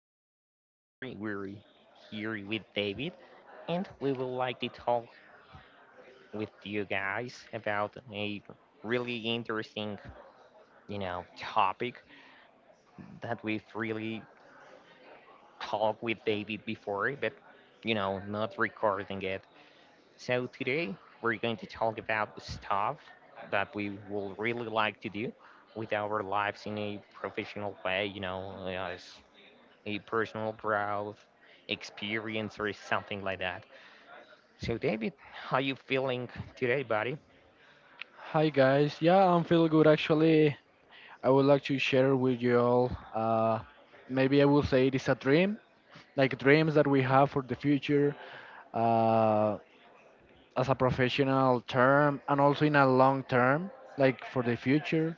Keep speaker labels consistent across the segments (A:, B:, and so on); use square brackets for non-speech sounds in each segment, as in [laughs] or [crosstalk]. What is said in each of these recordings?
A: So once more we're here with David and we would like to talk with you guys about a really interesting, topic that we've really talked with David before, but not recording it. So today we're going to talk about stuff that we will really like to do with our lives in a professional way, as a personal growth experience or something like that. So David, how you feeling today, buddy?
B: Hi guys, yeah, I'm feeling good actually. I would like to share with you all. Maybe I will say it is a dream, like dreams that we have for the future, uh, as a professional term and also in a long term, like for the future.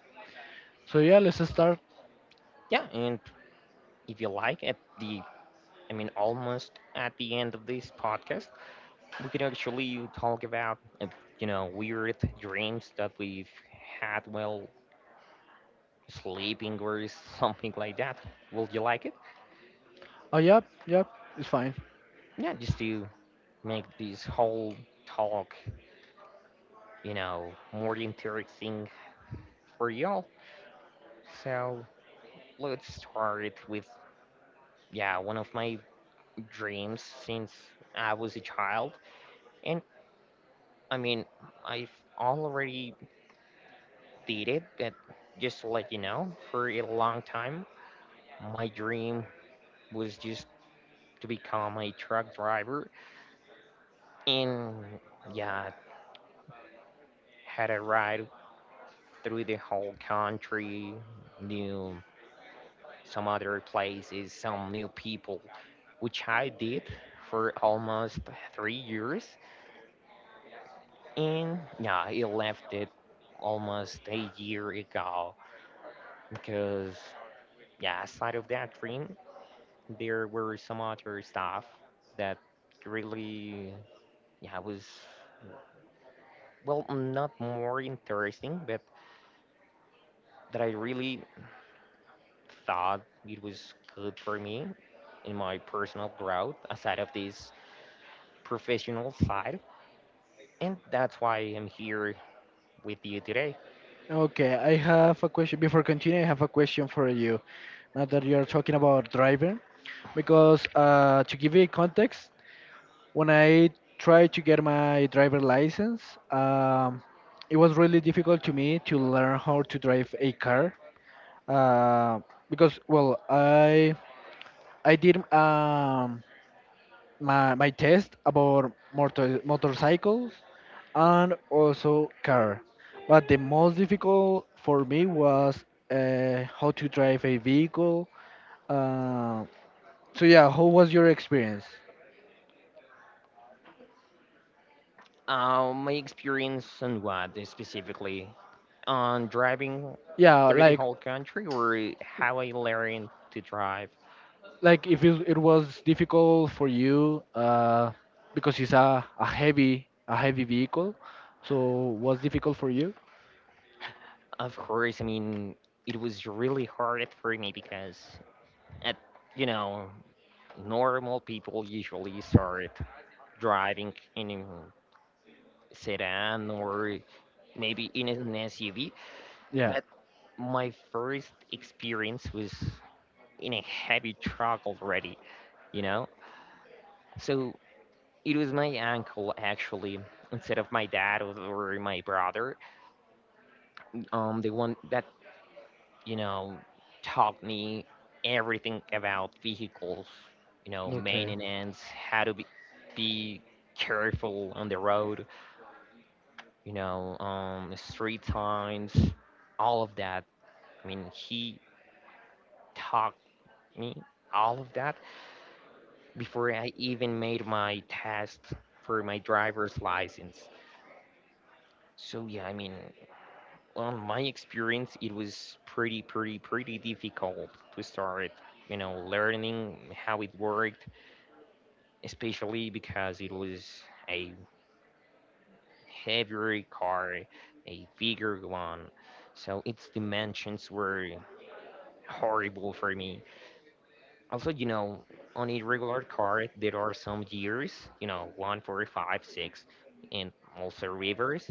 B: So yeah, let's start.
A: Yeah, and if you like at the almost at the end of this podcast, we can actually talk about weird dreams that we've had while sleeping or [laughs] something like that. Will you like it?
B: Oh yep, yep, it's fine.
A: Yeah, just to make this whole talk, more interesting for y'all. So let's start with, yeah, one of my dreams since I was a child. And I mean, I've already did it, but just to let you know, for a long time, my dream was just to become a truck driver. And yeah, had a ride through the whole country, knew some other places, some new people, which I did for almost 3 years. And yeah, he left it almost a year ago because, yeah, aside of that dream, there were some other stuff that really, yeah, was, well, not more interesting, but that I really thought it was good for me in my personal growth aside of this professional side. And that's why I'm here with you today.
B: Okay, I have a question. Before continuing, I have a question for you. Now that you're talking about driving, because to give you context, when I tried to get my driver license, um, it was really difficult to me to learn how to drive a car uh, because, well, I did my test about motorcycles and also car, but the most difficult for me was how to drive a vehicle. Uh, so yeah, how was your experience?
A: My experience on what specifically? On driving
B: Yeah,
A: through the whole country or how I learned to drive.
B: like if it, it was difficult for you because it's a heavy vehicle so was difficult for you,
A: Of course, I mean it was really hard for me because at you know normal people usually start driving in a sedan or maybe in an SUV,
B: yeah.
A: but my first experience was in a heavy truck already, you know. So it was my uncle actually instead of my dad or my brother, the one that you know taught me everything about vehicles,
B: Okay,
A: maintenance, how to be careful on the road, street signs, all of that. I mean, he taught me all of that before I even made my test for my driver's license. So yeah, I mean, on my experience, it was pretty, pretty, pretty difficult to start, learning how it worked, especially because it was a heavier car, a bigger one. So its dimensions were horrible for me. Also, on a regular car, there are some gears, one, four, five, six, and also reverse.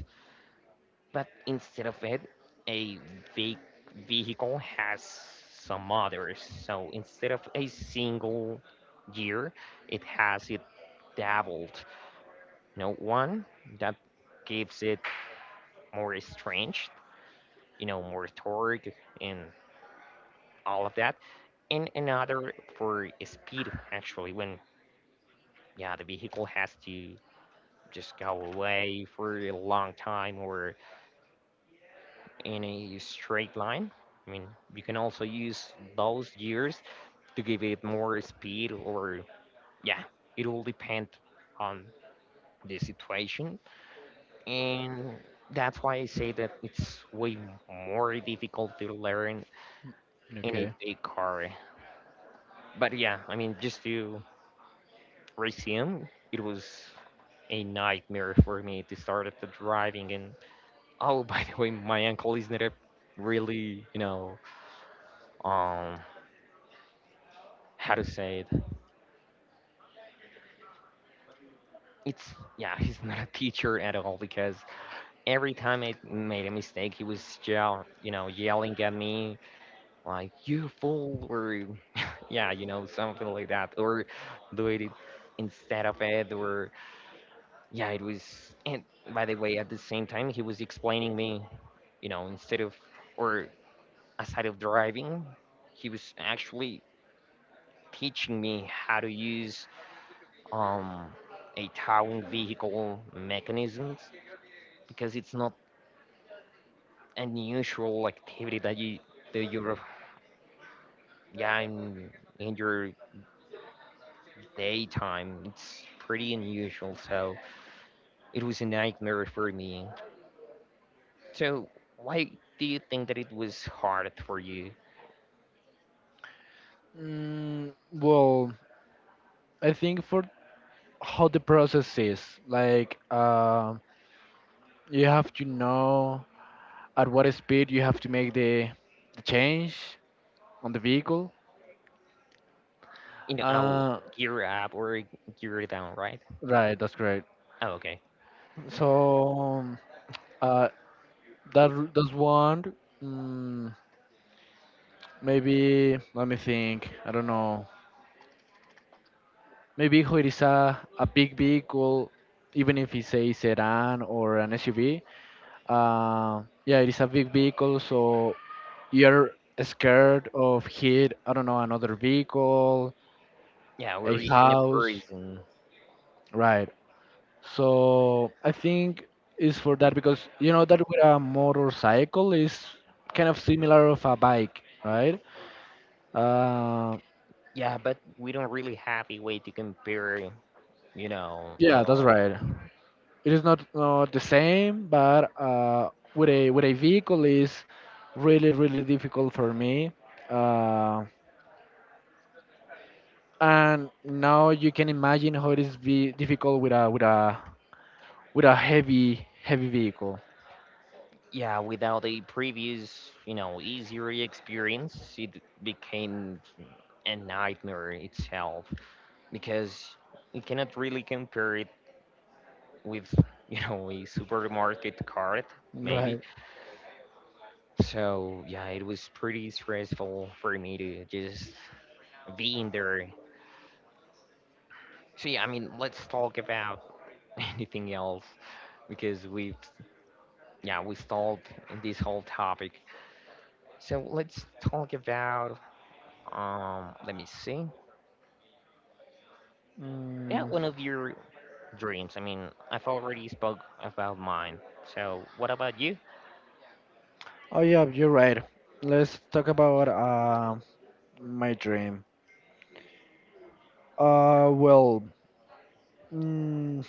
A: But instead of it, a ve- vehicle has some others. So instead of a single year, it has it dabbled. One that gives it more strength, more torque and all of that, and another for speed. Actually, when yeah, the vehicle has to just go away for a long time or in a straight line. I mean, you can also use those gears to give it more speed, or yeah, it will depend on the situation. And that's why I say that it's way more difficult to learn in a
B: okay.
A: big car. But yeah, I mean, just to resume, it was a nightmare for me to start at the driving. And oh, [laughs] by the way, my uncle is not a really, um how to say. It it's yeah, [laughs] he's not a teacher at all because every time I made a mistake, he was yelling at me like "you fool" or [laughs] yeah, something like that, or doing it instead of it, or yeah, it was. And by the way, at the same time, he was explaining me, you know, instead of or aside of driving, he was actually teaching me how to use um a towing vehicle mechanisms because it's not unusual activity that you do your yeah in, your daytime it's pretty unusual, so it was a nightmare for me. So why do you think that it was hard for you?
B: Well, I think for how the process is like you have to know at what speed you have to make the change on the vehicle,
A: You know Oh,
B: uh,
A: gear up or gear down, right?
B: right, that's great.
A: Oh, okay.
B: So uh, that's one. mm Maybe let me think. I don't know. Maybe if it is a big vehicle, even if it's a sedan or an SUV. Yeah, it is a big vehicle, so you're scared of hit. I don't know, another vehicle,
A: Yeah,
B: a
A: we're in a
B: house,
A: prison.
B: right? So I think it's for that because you know that with a motorcycle is kind of similar of a bike, right? Uh,
A: Yeah, but we don't really have a way to compare, you know uh,
B: yeah, that's right. It is not the same, but with a vehicle is really difficult for me, uh, and now you can imagine how it is be difficult with a with a heavy vehicle,
A: Yeah, without a previous, easier experience, it became a nightmare itself because you cannot really compare it with, [laughs] a supermarket cart, maybe.
B: right.
A: So, yeah, it was pretty stressful for me to just be in there. So, yeah, I mean, let's talk about [laughs] anything else because we've, yeah, we stalled in this whole topic. So, let's talk about. Let me see. Yeah,
B: Mm.
A: one of your dreams. I mean, I've already spoke about mine. So, what about you?
B: Oh yeah, you're right, let's talk about my dream. uh well mm,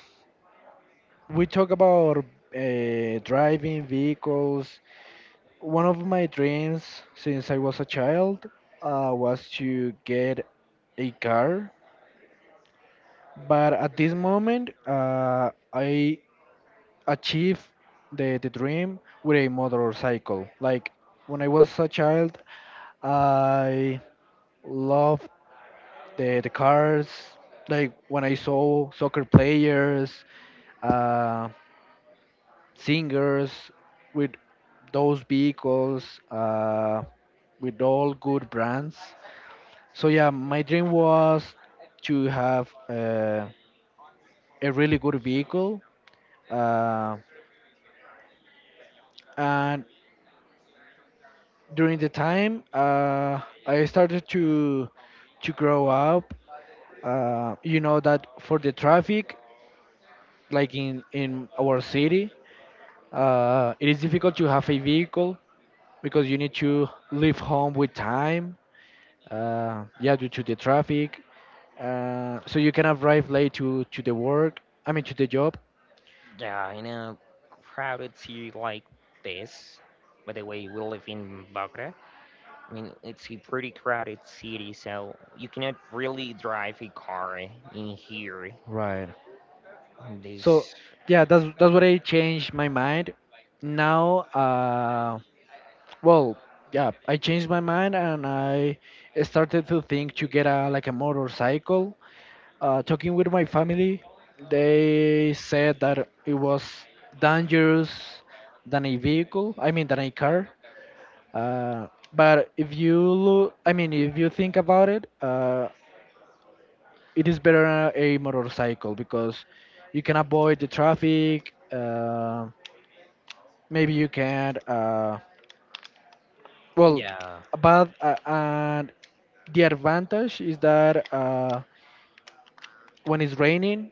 B: we talk about driving vehicles. One of my dreams since I was a child was to get a car, but at this moment I achieved the dream with a motorcycle. Like when I was a child, I loved the cars. Like when I saw soccer players, uh, singers with those vehicles, with all good brands. So yeah, my dream was to have a really good vehicle, uh, and during the time I started to grow up. You know that for the traffic, like in our city, it is difficult to have a vehicle because you need to leave home with time. Yeah, due to the traffic, so you can arrive late to the work. I mean to the job.
A: Yeah, in a crowded city like this, by the way, we live in Bogota. I mean, it's a pretty crowded city, so you cannot really drive a car in here.
B: Right. So
A: This,
B: yeah, that's what I changed my mind. Now, well, yeah, I changed my mind and I started to think to get a like a motorcycle. Talking with my family, they said that it was dangerous than a vehicle. I mean, than a car. Uh, but if you look, I mean, if you think about it, it is better a motorcycle because you can avoid the traffic. Maybe you can, well
A: yeah,
B: but and the advantage is that when it's raining,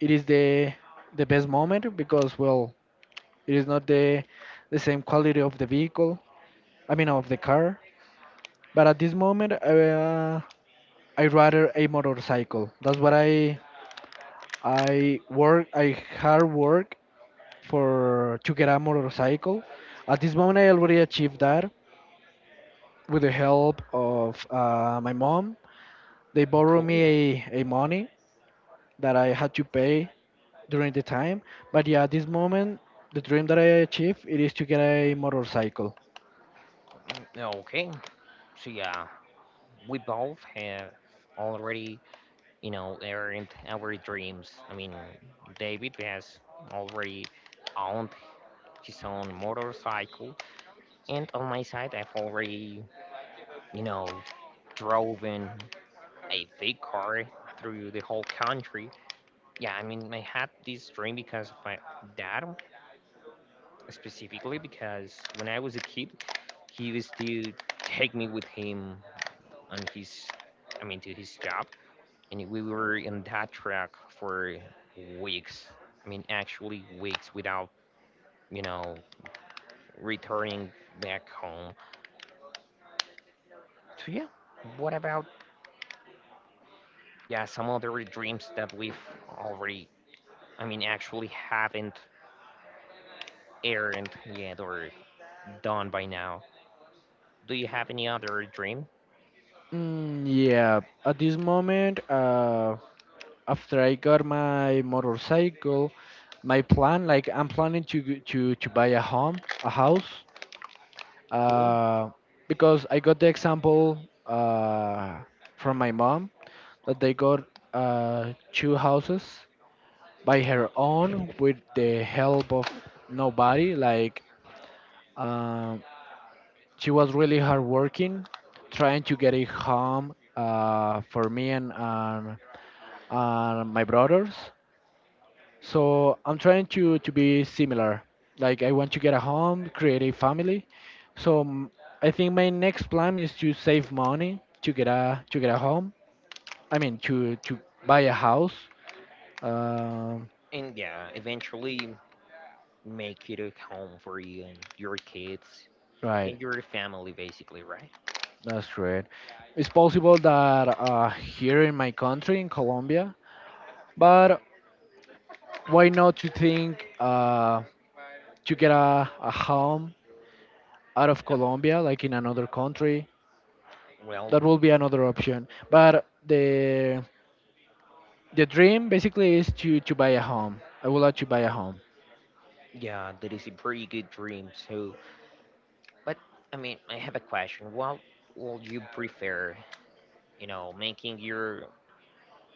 B: it is the best moment, because, well, it is not the same quality of the vehicle, I mean of the car. But at this moment, I rather a motorcycle. That's what I work I hard work for to get a motorcycle. At this moment I already achieved that with the help of my mom. They borrow me
A: cool.
B: a money that I had to pay during the time. But yeah, at this moment, the dream that I achieved it is to get a motorcycle.
A: Mm, okay, so yeah, we both have already, earned our dreams. I mean, David has already owned his own motorcycle, and on my side, I've already, you know, driven a big car through the whole country. Yeah, I mean, I had this dream because of my dad, specifically because when I was a kid, he used to take me with him on his, I mean, to his job, and we were in that track for weeks. I mean, actually weeks without, you know, returning back home. So yeah, what about yeah some other dreams that we've already, I mean, actually haven't aired yet or done by now? Do you have any other dream?
B: Mm, yeah, at this moment, after I got my motorcycle, my plan, like I'm planning to to buy a home, a house,
A: Cool.
B: uh, because I got the example uh, from my mom that they got two houses by her own with the help of nobody. Like um, she was really hardworking, trying to get it home for me and my brothers. So I'm trying to be similar. Like I want to get a home, create a family. So m- I think my next plan is to save money to get a home. I mean to buy a house. Um,
A: And yeah, eventually make it a home for you and your kids
B: right.
A: and your family, basically, right?
B: That's great. It's possible that here in my country, in Colombia, but why not to think to get a home out of Colombia, like in another country?
A: Well,
B: That will be another option. But the dream basically is to buy a home. I would like to buy a home.
A: yeah, that is a pretty good dream too. But I mean, I have a question. What would you prefer, making your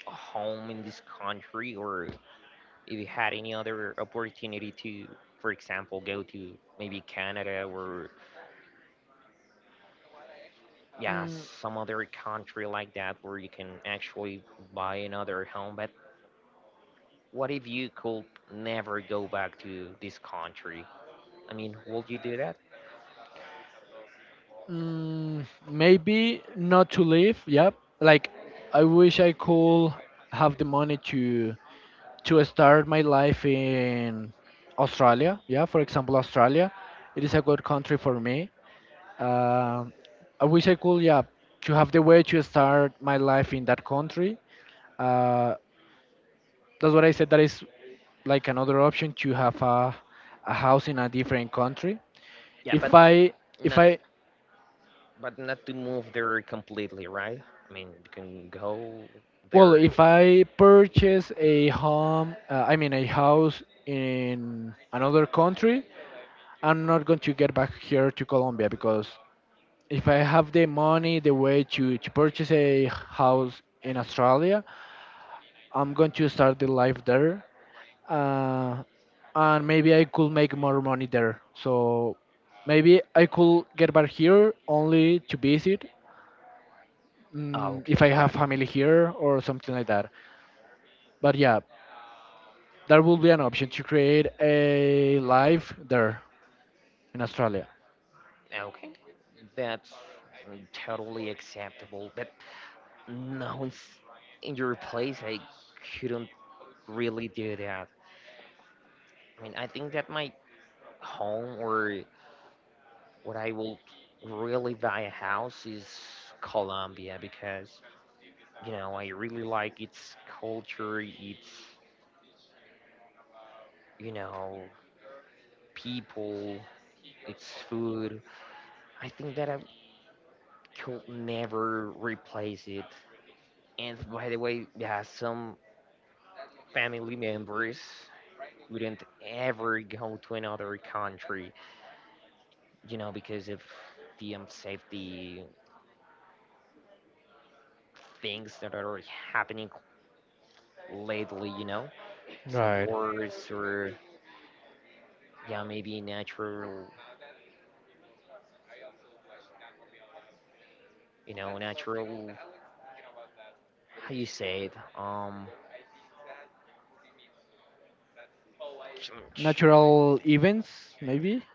A: home in this country, or if you had any other opportunity to, for example, go to maybe Canada or yeah,
B: Mm,
A: some other country like that where you can actually buy another home. But what if you could never go back to this country? I mean, would you do that?
B: maybe not to live. Yep. Like I wish I could have the money to start my life in Australia. Yeah, for example, Australia. It is a good country for me. Um, I wish I could, yeah, to have the way to start my life in that country. Uh, that's what I said. That is like another option to have a house in a different country.
A: Yeah,
B: If I, if
A: not
B: I,
A: but not to move there completely, right? I mean, you can go
B: well,
A: there.
B: if I purchase a home, I mean a house in another country, I'm not going to get back here to Colombia because if I have the money, the way to purchase a house in Australia, I'm going to start the life there. Uh, and maybe I could make more money there. So maybe I could get back here only to visit,
A: Oh,
B: mm, if
A: okay,
B: I have
A: got it.
B: family here or something like that. But yeah, that would be an option to create a life there in Australia.
A: Okay, that's totally acceptable. But no, it's in your place, I couldn't really do that. I mean, I think that my home or what I will really buy a house is Colombia because, I really like its culture, its, you know, people, its food. I think that I could never replace it. And by the way, yeah, some family members wouldn't ever go to another country, because of the safety things that are happening lately, some
B: Right.
A: wars or yeah, maybe natural, natural. How you say it? Ch- ch-
B: Natural events, maybe?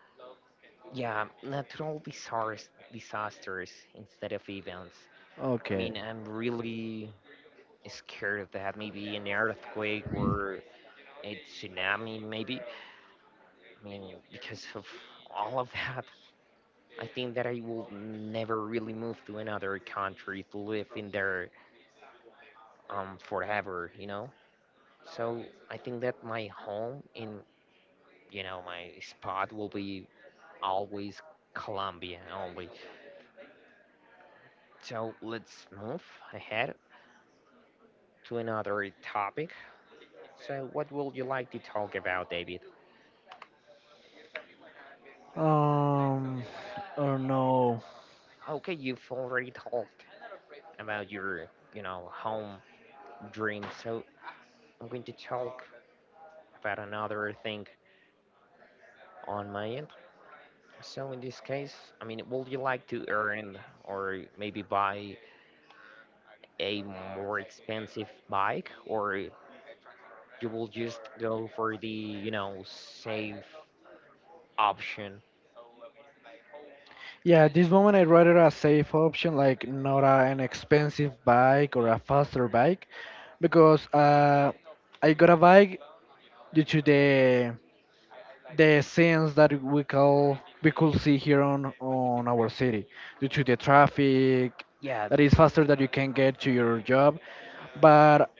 A: yeah, natural disasters, disasters instead of events. I
B: Okay.
A: mean, I'm really scared of that. Maybe an earthquake or a tsunami, maybe. I mean, because of all of that, I think that I will never really move to another country to live in there forever, you know? So I think that my home in, my spot will be always Colombia only. So let's move ahead to another topic. So, what would you like to talk about, David?
B: Um, I don't know.
A: Okay, you've already talked about your, home dream, so I'm going to talk about another thing on my end. So in this case, I mean, would you like to earn or maybe buy a more expensive bike, or you will just go for the, safe option?
B: Yeah, at this moment I'd rather a safe option, like not a, an expensive bike or a faster bike, because I got a bike due to the scenes that we call we could see here on our city, due to the traffic
A: Yeah,
B: that is faster that you can get to your job. But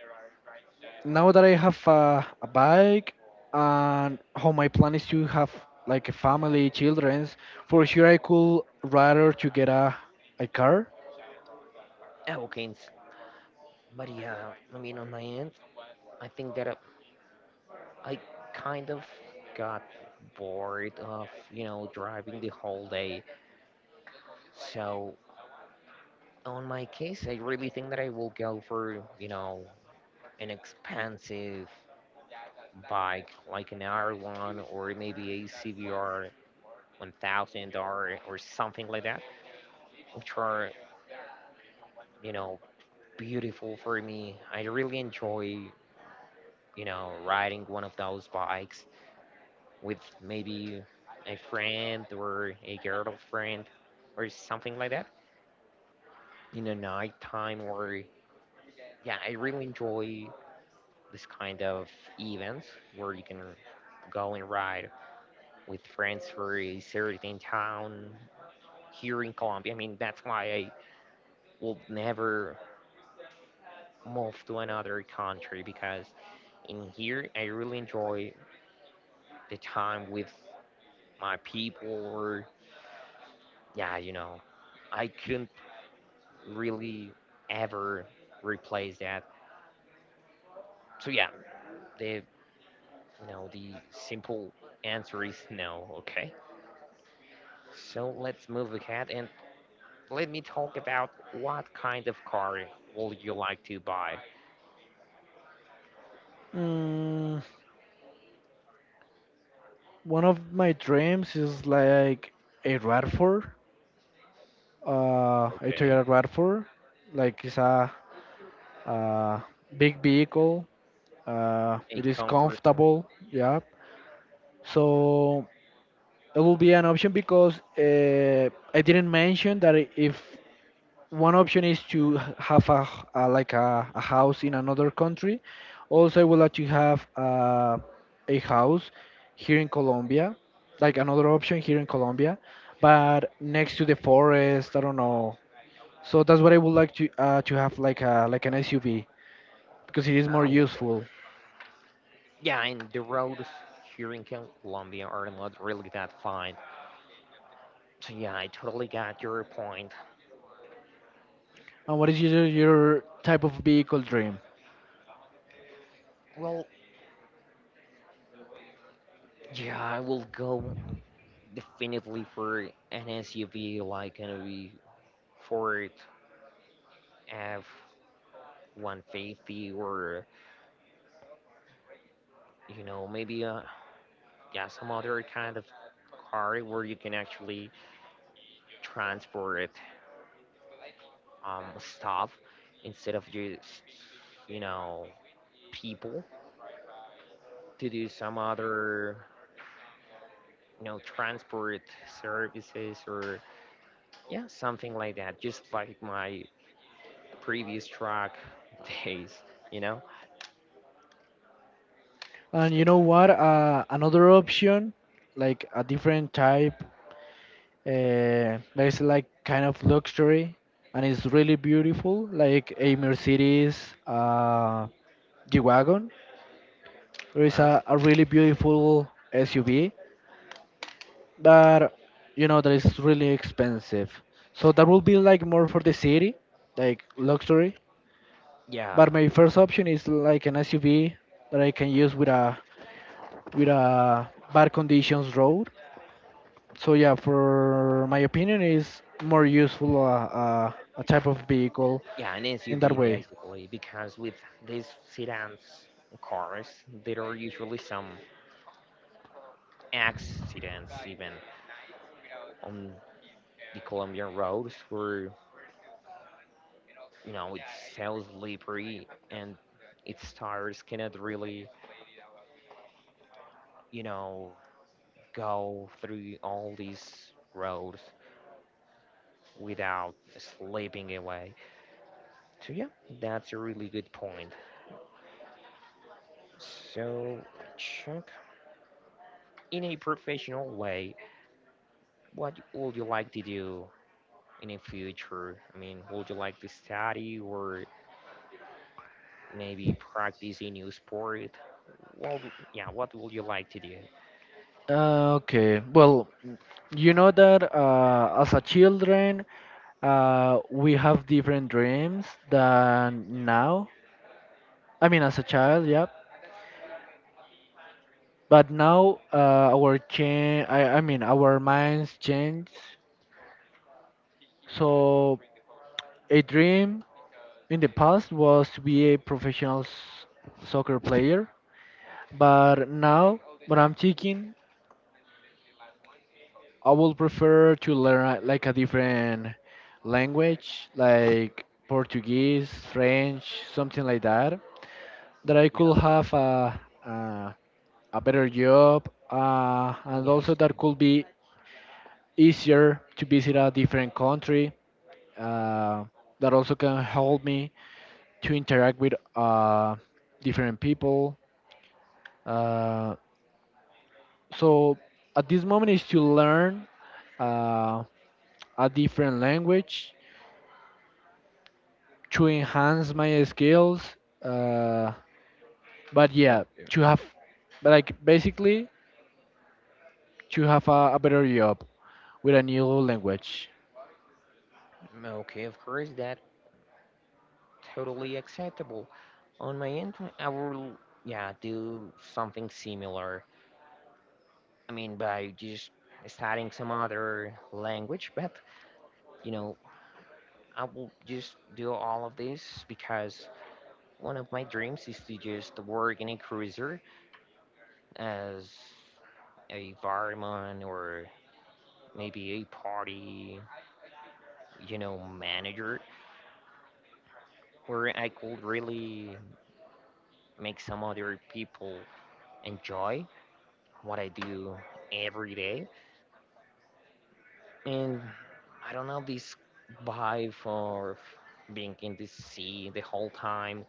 B: now that I have a bike and how my plan is to have like a family, childrens, for sure I could rather to get a car.
A: okay. But yeah, I mean, on my end, I think that I kind of got bored of, driving the whole day. So, on my case, I really think that I will go for, an expensive bike like an R1 or maybe a CBR 1000 or something like that, which are, you know, beautiful for me. I really enjoy, riding one of those bikes. With maybe a friend or a girlfriend or something like that in the night time. Or yeah, I really enjoy this kind of events where you can go and ride with friends for a certain town here in Colombia. I mean, that's why I will never move to another country, because in here I really enjoy the time with my people. Or yeah, you know, I couldn't really ever replace that. So yeah, the you know the simple answer is [laughs] no. Okay. So let's move ahead and let me talk about, what kind of car would you like to buy?
B: Mm, one of my dreams is like a RAV4, uh, a
A: Okay.
B: Toyota RAV4. Like it's a big vehicle.
A: A
B: It is
A: comfort.
B: comfortable. Yeah. So it will be an option because I didn't mention that if one option is to have a, like a house in another country. Also, I would like to have a house here in Colombia, like another option here in Colombia, but next to the forest. I don't know. So that's what I would like to have like a like an SUV because it is more
A: Oh, okay.
B: useful.
A: Yeah, and the roads here in Colombia are not really that fine. So yeah, I totally got your point.
B: And what is your type of vehicle dream?
A: Well, yeah, I will go definitely for an SUV, like an V Ford F 150, or maybe yeah, some other kind of car where you can actually transport stuff, instead of just, you know, people, to do some other, you know, transport services, or yeah, something like that, just like my previous truck [laughs] days, you know.
B: And you know what? Another option, like a different type. There's like kind of luxury, and it's really beautiful. Like a Mercedes G-Wagon, there is
A: well
B: a really beautiful SUV, but you know that is really expensive. So that will be like more for the city, like luxury.
A: yeah
B: But my first option is like an SUV that I can use with a bad conditions road. So yeah, for my opinion, is more useful a type of vehicle
A: Yeah, an
B: in that
A: SUV
B: way.
A: basically, because with these sedans cars, there are usually some accidents even on the Colombian roads where, you know, it's so slippery and its tires cannot really, you know, go through all these roads without slipping away. So yeah, that's a really good point. So, Chuck, in a professional way, what would you like to do in the future? I mean, would you like to study or maybe practice a new sport? Well, yeah, what would you like to do?
B: Okay. Well, you know that as a children, we have different dreams than now. I mean, as a child, yeah. But now, our change. I mean, our minds change. So a dream in the past was to be a professional soccer player, but now, what I'm thinking I would prefer to learn like a different language, like Portuguese, French, something like that, that I
A: Yeah.
B: could have a a, a better job, and also
A: Yes.
B: that could be easier to visit a different country. Uh, that also can help me to interact with different people. Uh, so at this moment is to learn uh, a different language to enhance my skills. Uh, but
A: Oh,
B: yeah, to
A: yeah.
B: have like basically to have a better job with a new language.
A: Okay, of course, that totally acceptable. On my end, I will, yeah, do something similar. I mean, by just studying some other language, but you know, I will just do all of this because one of my dreams is to just work in a cruiser as a barman, or maybe a party, you know, manager, where I could really make some other people enjoy what I do every day. And I don't know, this vibe of being in the sea the whole time,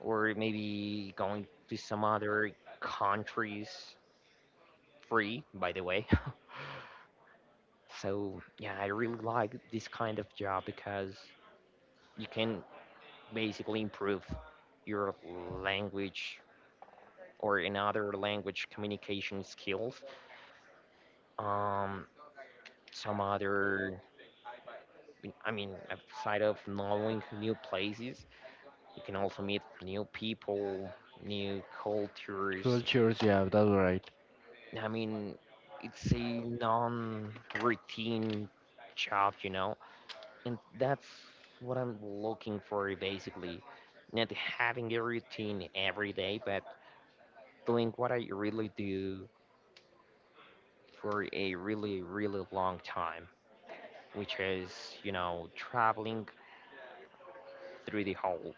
A: or maybe going to some other countries free, by the way. [laughs] So, yeah, I really like this kind of job because you can basically improve your language or in other language communication skills. Um, some other, I mean, outside of knowing new places, you can also meet new people, new cultures.
B: Cultures, yeah, that's right.
A: I mean, it's a non-routine job, you know, and that's what I'm looking for basically. Not having a routine every day, but doing what I really do for a really, really long time, which is, you know, traveling through the whole,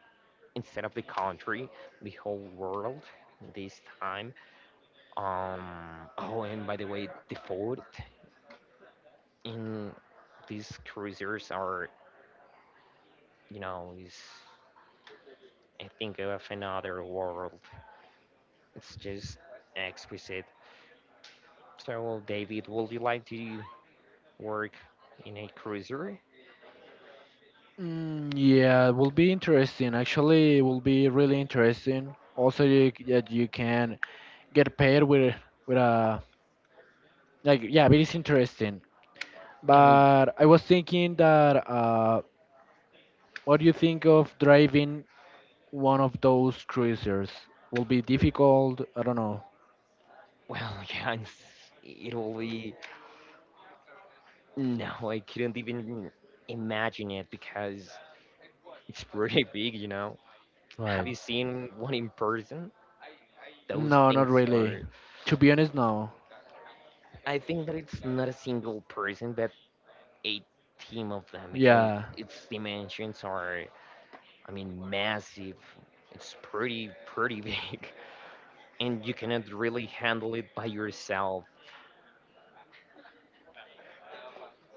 A: instead of the country, the whole world this time. Oh, and by the way, the food in these cruisers are, you know, is, I think, of another world. It's just exquisite. So, David, would you like to work in a cruiser?
B: Mm, yeah, it will be interesting. Actually, it will be really interesting. Also, you, that you can get paid with a like yeah, it is interesting.
A: I mean,
B: But I was thinking that what do you think of driving one of those cruisers? Will be difficult. I don't know.
A: well, [laughs] yeah, it's, it'll be No, I couldn't even imagine it because it's pretty [laughs] big, you know. Have
B: Right.
A: you seen one in person? Those
B: No, not
A: things
B: really.
A: are.
B: To be honest, no.
A: I think that it's not a single person, but a team of them, because
B: Yeah,
A: its dimensions are, I mean, massive. It's pretty, pretty [laughs] big, and you cannot really handle it by yourself.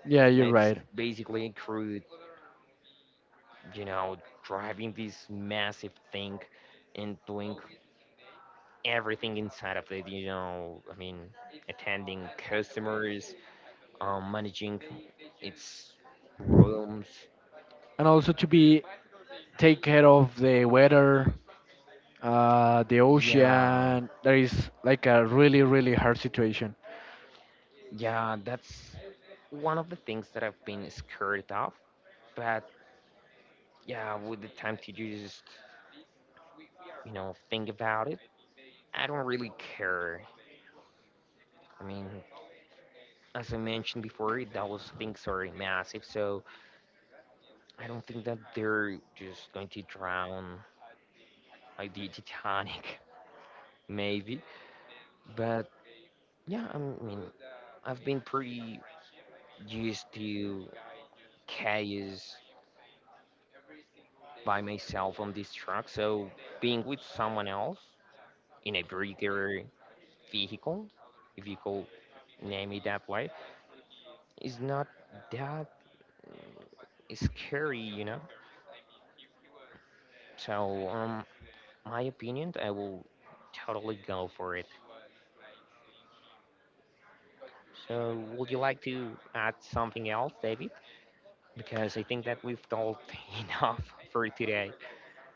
B: yeah,
A: Yeah,
B: you're
A: it's
B: right.
A: basically a crew, you know, driving this massive thing and doing everything inside of it. You know, I mean, attending customers, managing its rooms.
B: And also to be take care of the weather, the
A: Yeah,
B: ocean. There is like a really, really hard situation.
A: yeah, that's one of the things that I've been scared of, but yeah, with the time to just, you know, think about it, I don't really care. I mean, as I mentioned before, those things are massive, so I don't think that they're just going to drown like the Titanic. [laughs] Maybe, but yeah, I mean, I've been pretty used to chaos by myself on this track, so being with someone else in a bigger vehicle, if you call name it that way, is not that scary, you know? So, my opinion, I will totally go for it. So, would you like to add something else, David? Because I think that we've talked [laughs] enough for today.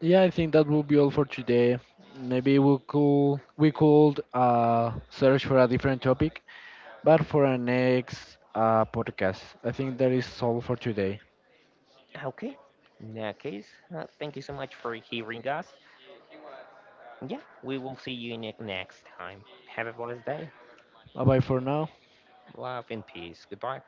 B: Yeah, I think that will be all for today. Maybe we could search for a different topic, but for our next podcast. I think that is all for today.
A: Okay. In that case, thank you so much for hearing us. Yeah, we will see you in the next time. Have a blessed day.
B: Bye bye for now.
A: Love and peace. Goodbye.